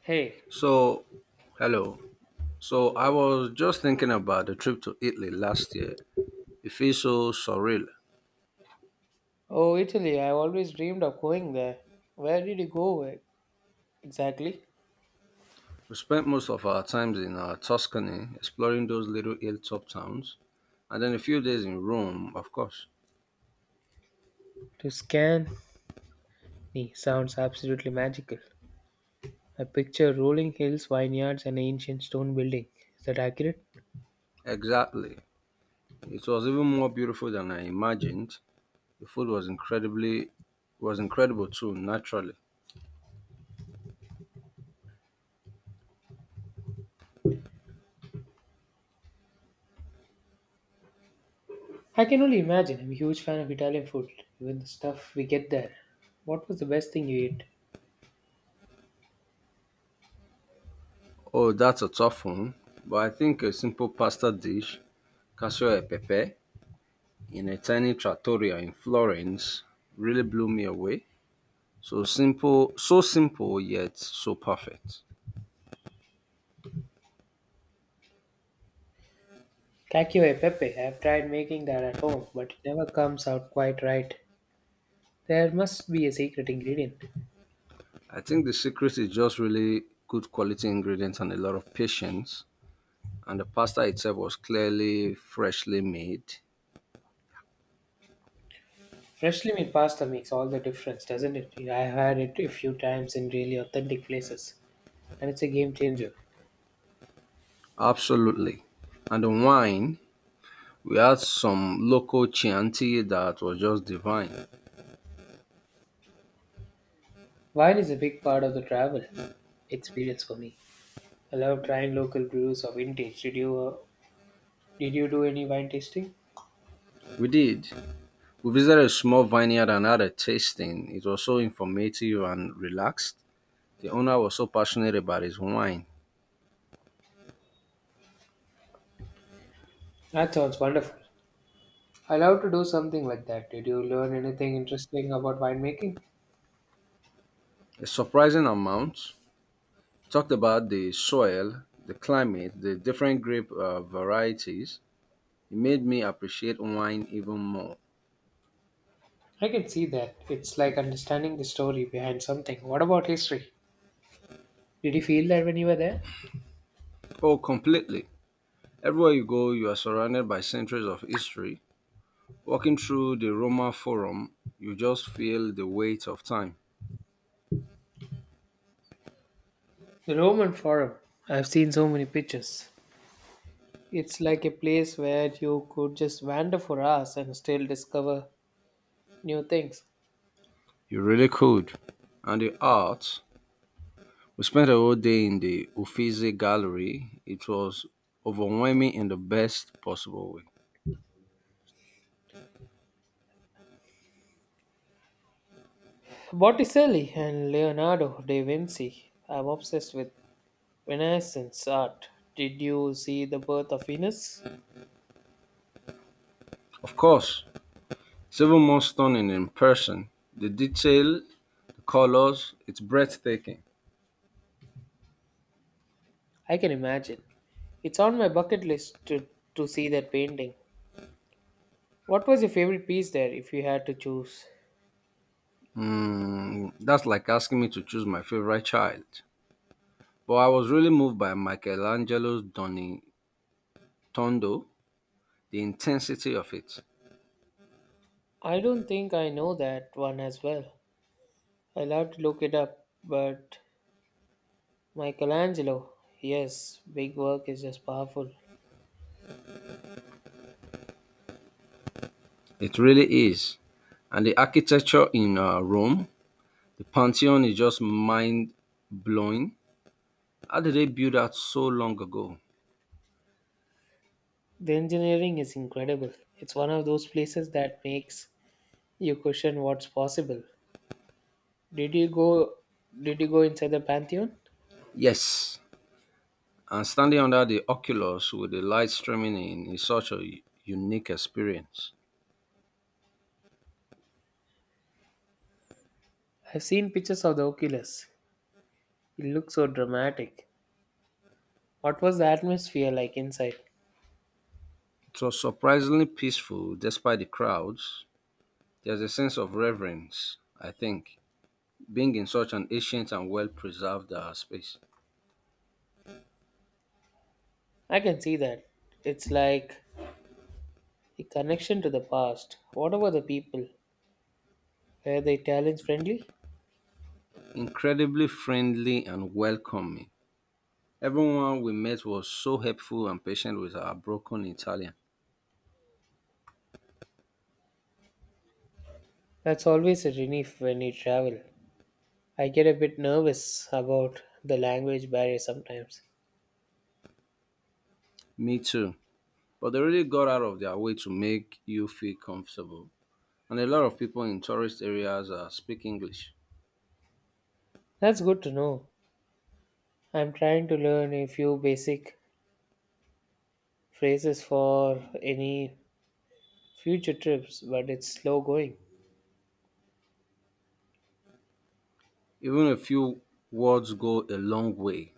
Hey, So, hello. So, I hello. was just thinking about the trip to Italy last year. It feels so surreal. Oh, Italy, I've always dreamed of going there. Where did you go exactly? We spent most of our times in Tuscany exploring those little hilltop towns, and then a few days in Rome, of course. To scan sounds absolutely magical. I picture rolling hills, vineyards, and ancient stone building. Is that accurate? Exactly. It was even more beautiful than I imagined. The food was incredibly was incredible too, naturally. I can only imagine. I'm a huge fan of Italian food, even the stuff we get there. What was the best thing you ate? Oh, that's a tough one. But I think a simple pasta dish, cacio e pepe, in a tiny trattoria in Florence really blew me away. So simple, yet so perfect. Cacio e pepe. I've tried making that at home, but it never comes out quite right. There must be a secret ingredient. I think the secret is just really good quality ingredients and a lot of patience. And the pasta itself was clearly freshly made. Freshly made pasta makes all the difference, doesn't it? Yeah, I've had it a few times in really authentic places, and it's a game changer. Absolutely. And the wine, we had some local Chianti that was just divine. Wine is a big part of the travel experience for me. I love trying local brews or vintage. Did you did you do any wine tasting? We did. We visited a small vineyard and had a tasting. It was so informative and relaxed. The owner was so passionate about his wine. That sounds wonderful. I love to do something like that. Did you learn anything interesting about winemaking? A surprising amount. Talked about the soil, the climate, the different grape varieties. It made me appreciate wine even more. I can see that. It's like understanding the story behind something. What about history? Did you feel that when you were there? Oh, completely. Everywhere you go, you are surrounded by centuries of history. Walking through the Roma Forum, you just feel the weight of time. The Roman Forum. I've seen so many pictures. It's like a place where you could just wander for hours and still discover new things. You really could. And the art. We spent a whole day in the Uffizi Gallery. It was overwhelming in the best possible way. Botticelli and Leonardo da Vinci. I'm obsessed with Renaissance art. Did you see The Birth of Venus? Of course, it's even more stunning in person. The detail, the colors, it's breathtaking. I can imagine. It's on my bucket list to see that painting. What was your favorite piece there if you had to choose? That's like asking me to choose my favorite child. But I was really moved by Michelangelo's Tondo, the intensity of it. I don't think I know that one as well. I'll have to look it up, but Michelangelo, yes, big work is just powerful. It really is. And the architecture in Rome, the Pantheon is just mind blowing. How did they build that so long ago? The engineering is incredible. It's one of those places that makes you question what's possible. Did you go did you go inside the Pantheon? Yes, and standing under the oculus with the light streaming in is such a unique experience. I've seen pictures of the oculus. It looks so dramatic. What was the atmosphere like inside? It was surprisingly peaceful despite the crowds. There's a sense of reverence, I think, being in such an ancient and well preserved space. I can see that. It's like a connection to the past. What about the people? Were they Italians friendly? Incredibly friendly and welcoming. Everyone we met was so helpful and patient with our broken Italian. That's always a relief when you travel. I get a bit nervous about the language barrier sometimes. Me too. But they really got out of their way to make you feel comfortable. And a lot of people in tourist areas speak English. That's good to know. I'm trying to learn a few basic phrases for any future trips, but it's slow going. Even a few words go a long way.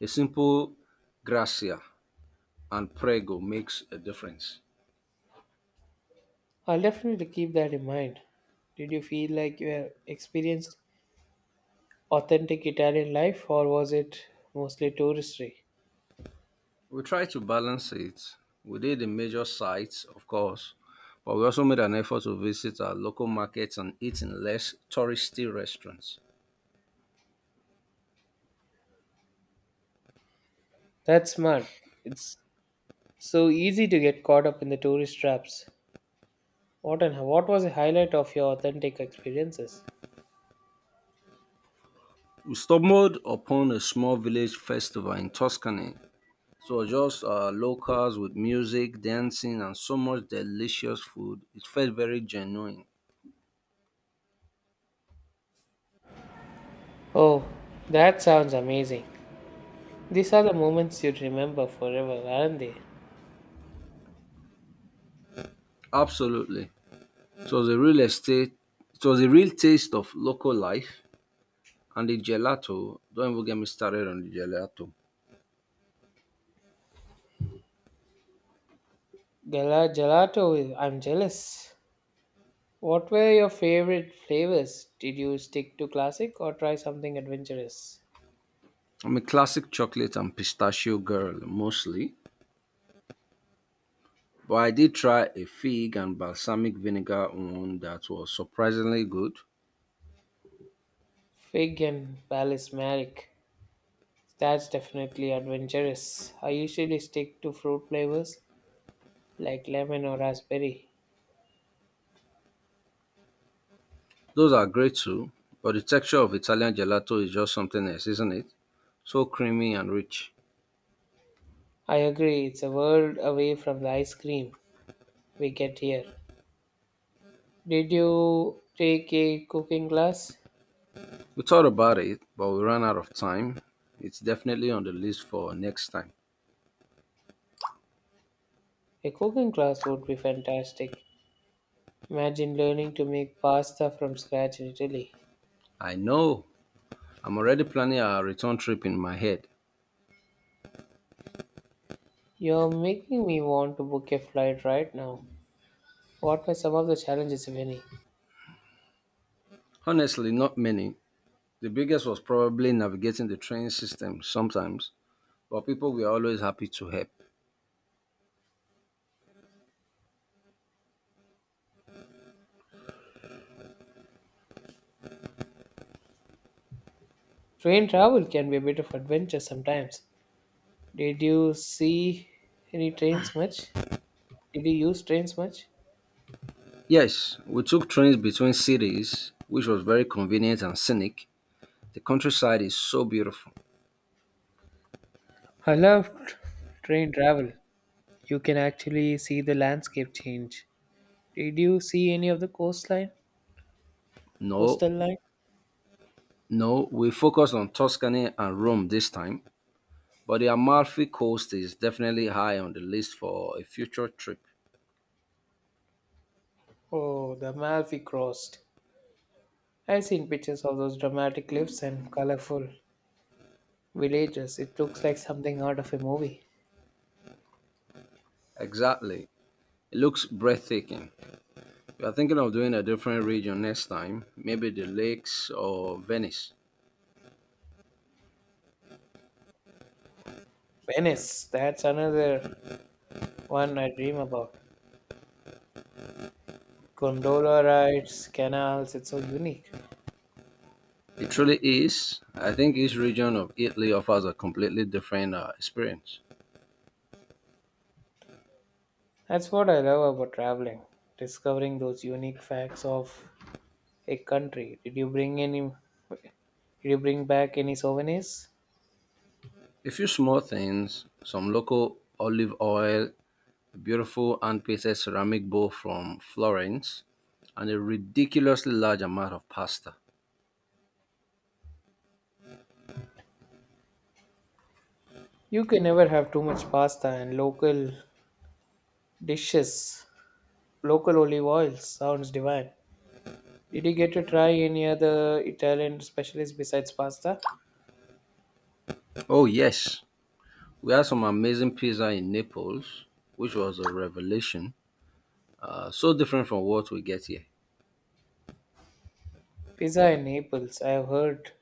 A simple gracia and Prego makes a difference. I'll definitely keep that in mind. Did you feel like you have experienced authentic Italian life, or was it mostly touristy? We tried to balance it. We did the major sites, of course, but we also made an effort to visit our local markets and eat in less touristy restaurants. That's smart. It's so easy to get caught up in the tourist traps. What was the highlight of your authentic experiences? We stumbled upon a small village festival in Tuscany. It was just locals with music, dancing, and so much delicious food. It felt very genuine. Oh, that sounds amazing. These are the moments you'd remember forever, aren't they? Absolutely. It was a real estate, it was a real taste of local life. And the gelato, don't even get me started on the gelato. Gala gelato, I'm jealous. What were your favorite flavors? Did you stick to classic or try something adventurous? I'm a classic chocolate and pistachio girl mostly, but I did try a fig and balsamic vinegar one that was surprisingly good. Fig and Palace Merrick. That's definitely adventurous. I usually stick to fruit flavors like lemon or raspberry. Those are great too, but the texture of Italian gelato is just something else, isn't it? So creamy and rich. I agree, it's a world away from the ice cream we get here. Did you take a cooking class? We thought about it, but we ran out of time. It's definitely on the list for next time. A cooking class would be fantastic. Imagine learning to make pasta from scratch in Italy. I know. I'm already planning our return trip in my head. You're making me want to book a flight right now. What were some of the challenges, if any? Honestly, not many. The biggest was probably navigating the train system sometimes, but people were always happy to help. Train travel can be a bit of adventure sometimes. Did you see any trains much? Did you use trains much? Yes, we took trains between cities, which was very convenient and scenic. The countryside is so beautiful. I loved train travel. You can actually see the landscape change. Did you see any of the coastline? No, Coastal line? no, we focused on Tuscany and Rome this time, but the Amalfi Coast is definitely high on the list for a future trip. Oh, the Amalfi crossed. I've seen pictures of those dramatic cliffs and colorful villages. It looks like something out of a movie. Exactly. It looks breathtaking. We are thinking of doing a different region next time, maybe the lakes or Venice. Venice, that's another one I dream about. Gondola rides, canals, it's so unique. It truly is. I think each region of Italy offers a completely different experience. That's what I love about traveling, discovering those unique facts of a country. Did you bring back any souvenirs? A few small things, some local olive oil, a beautiful hand painted ceramic bowl from Florence, and a ridiculously large amount of pasta. You can never have too much pasta and local dishes. Local olive oils sounds divine. Did you get to try any other Italian specialties besides pasta? Oh, yes, we had some amazing pizza in Naples, which was a revelation. So different from what we get here. Pizza in Naples, I have heard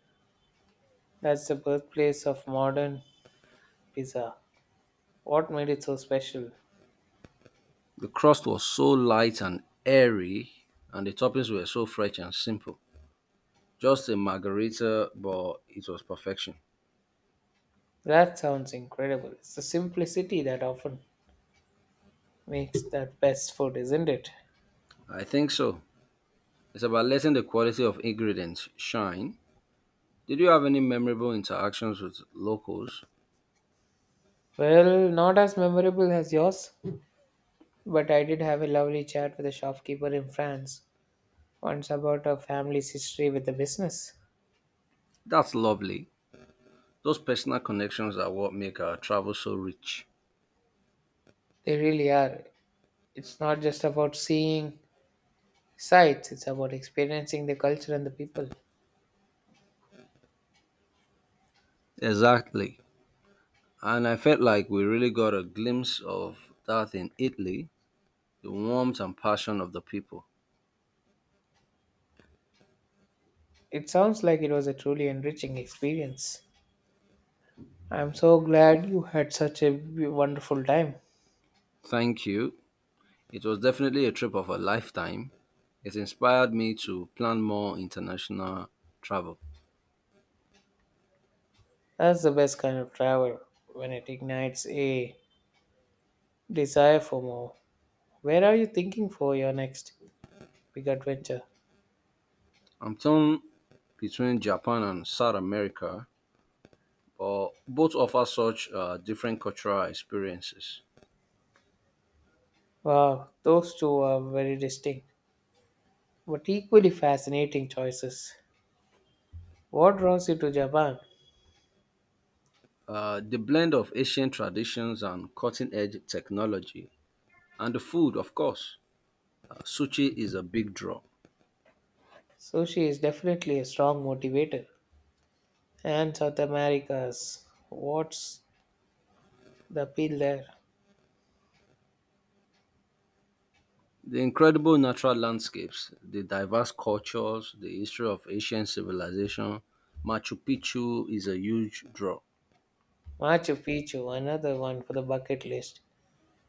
that's the birthplace of modern pizza. What made it so special? The crust was so light and airy, and the toppings were so fresh and simple. Just a margarita, but it was perfection. That sounds incredible. It's the simplicity that often makes that best food, isn't it? I think so. It's about letting the quality of ingredients shine. Did you have any memorable interactions with locals? Well, not as memorable as yours, but I did have a lovely chat with a shopkeeper in France once about her family's history with the business. That's lovely. Those personal connections are what make our travel so rich. They really are. It's not just about seeing sights, it's about experiencing the culture and the people. Exactly. And I felt like we really got a glimpse of that in Italy, the warmth and passion of the people. It sounds like it was a truly enriching experience. I'm so glad you had such a wonderful time. Thank you. It was definitely a trip of a lifetime. It inspired me to plan more international travel. That's the best kind of travel when it ignites a desire for more. Where are you thinking for your next big adventure? I'm torn between Japan and South America, but both offer such different cultural experiences. Wow, those two are very distinct but equally fascinating choices. What draws you to Japan? The blend of ancient traditions and cutting edge technology, and the food, of course. Sushi is a big draw. Sushi is definitely a strong motivator. And South America's, what's the appeal there? The incredible natural landscapes, the diverse cultures, the history of Asian civilization, Machu Picchu is a huge draw. Machu Picchu, another one for the bucket list.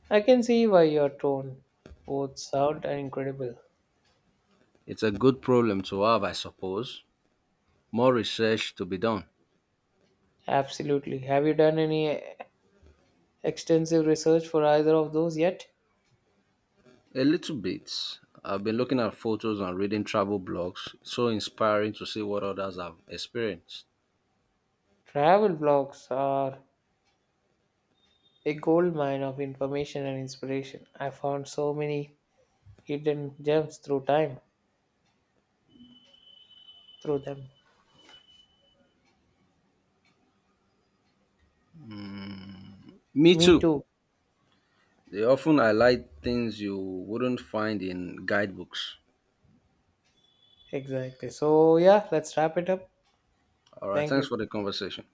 I can see why your tone both sound are incredible. It's a good problem to have, I suppose. More research to be done. Absolutely. Have you done any extensive research for either of those yet? A little bit. I've been looking at photos and reading travel blogs. So inspiring to see what others have experienced. Travel blogs are a goldmine of information and inspiration. I found so many hidden gems through them. Me Me too. too. They often highlight things you wouldn't find in guidebooks. Exactly. So, yeah, let's wrap it up. All right, Thank thanks you. for the conversation.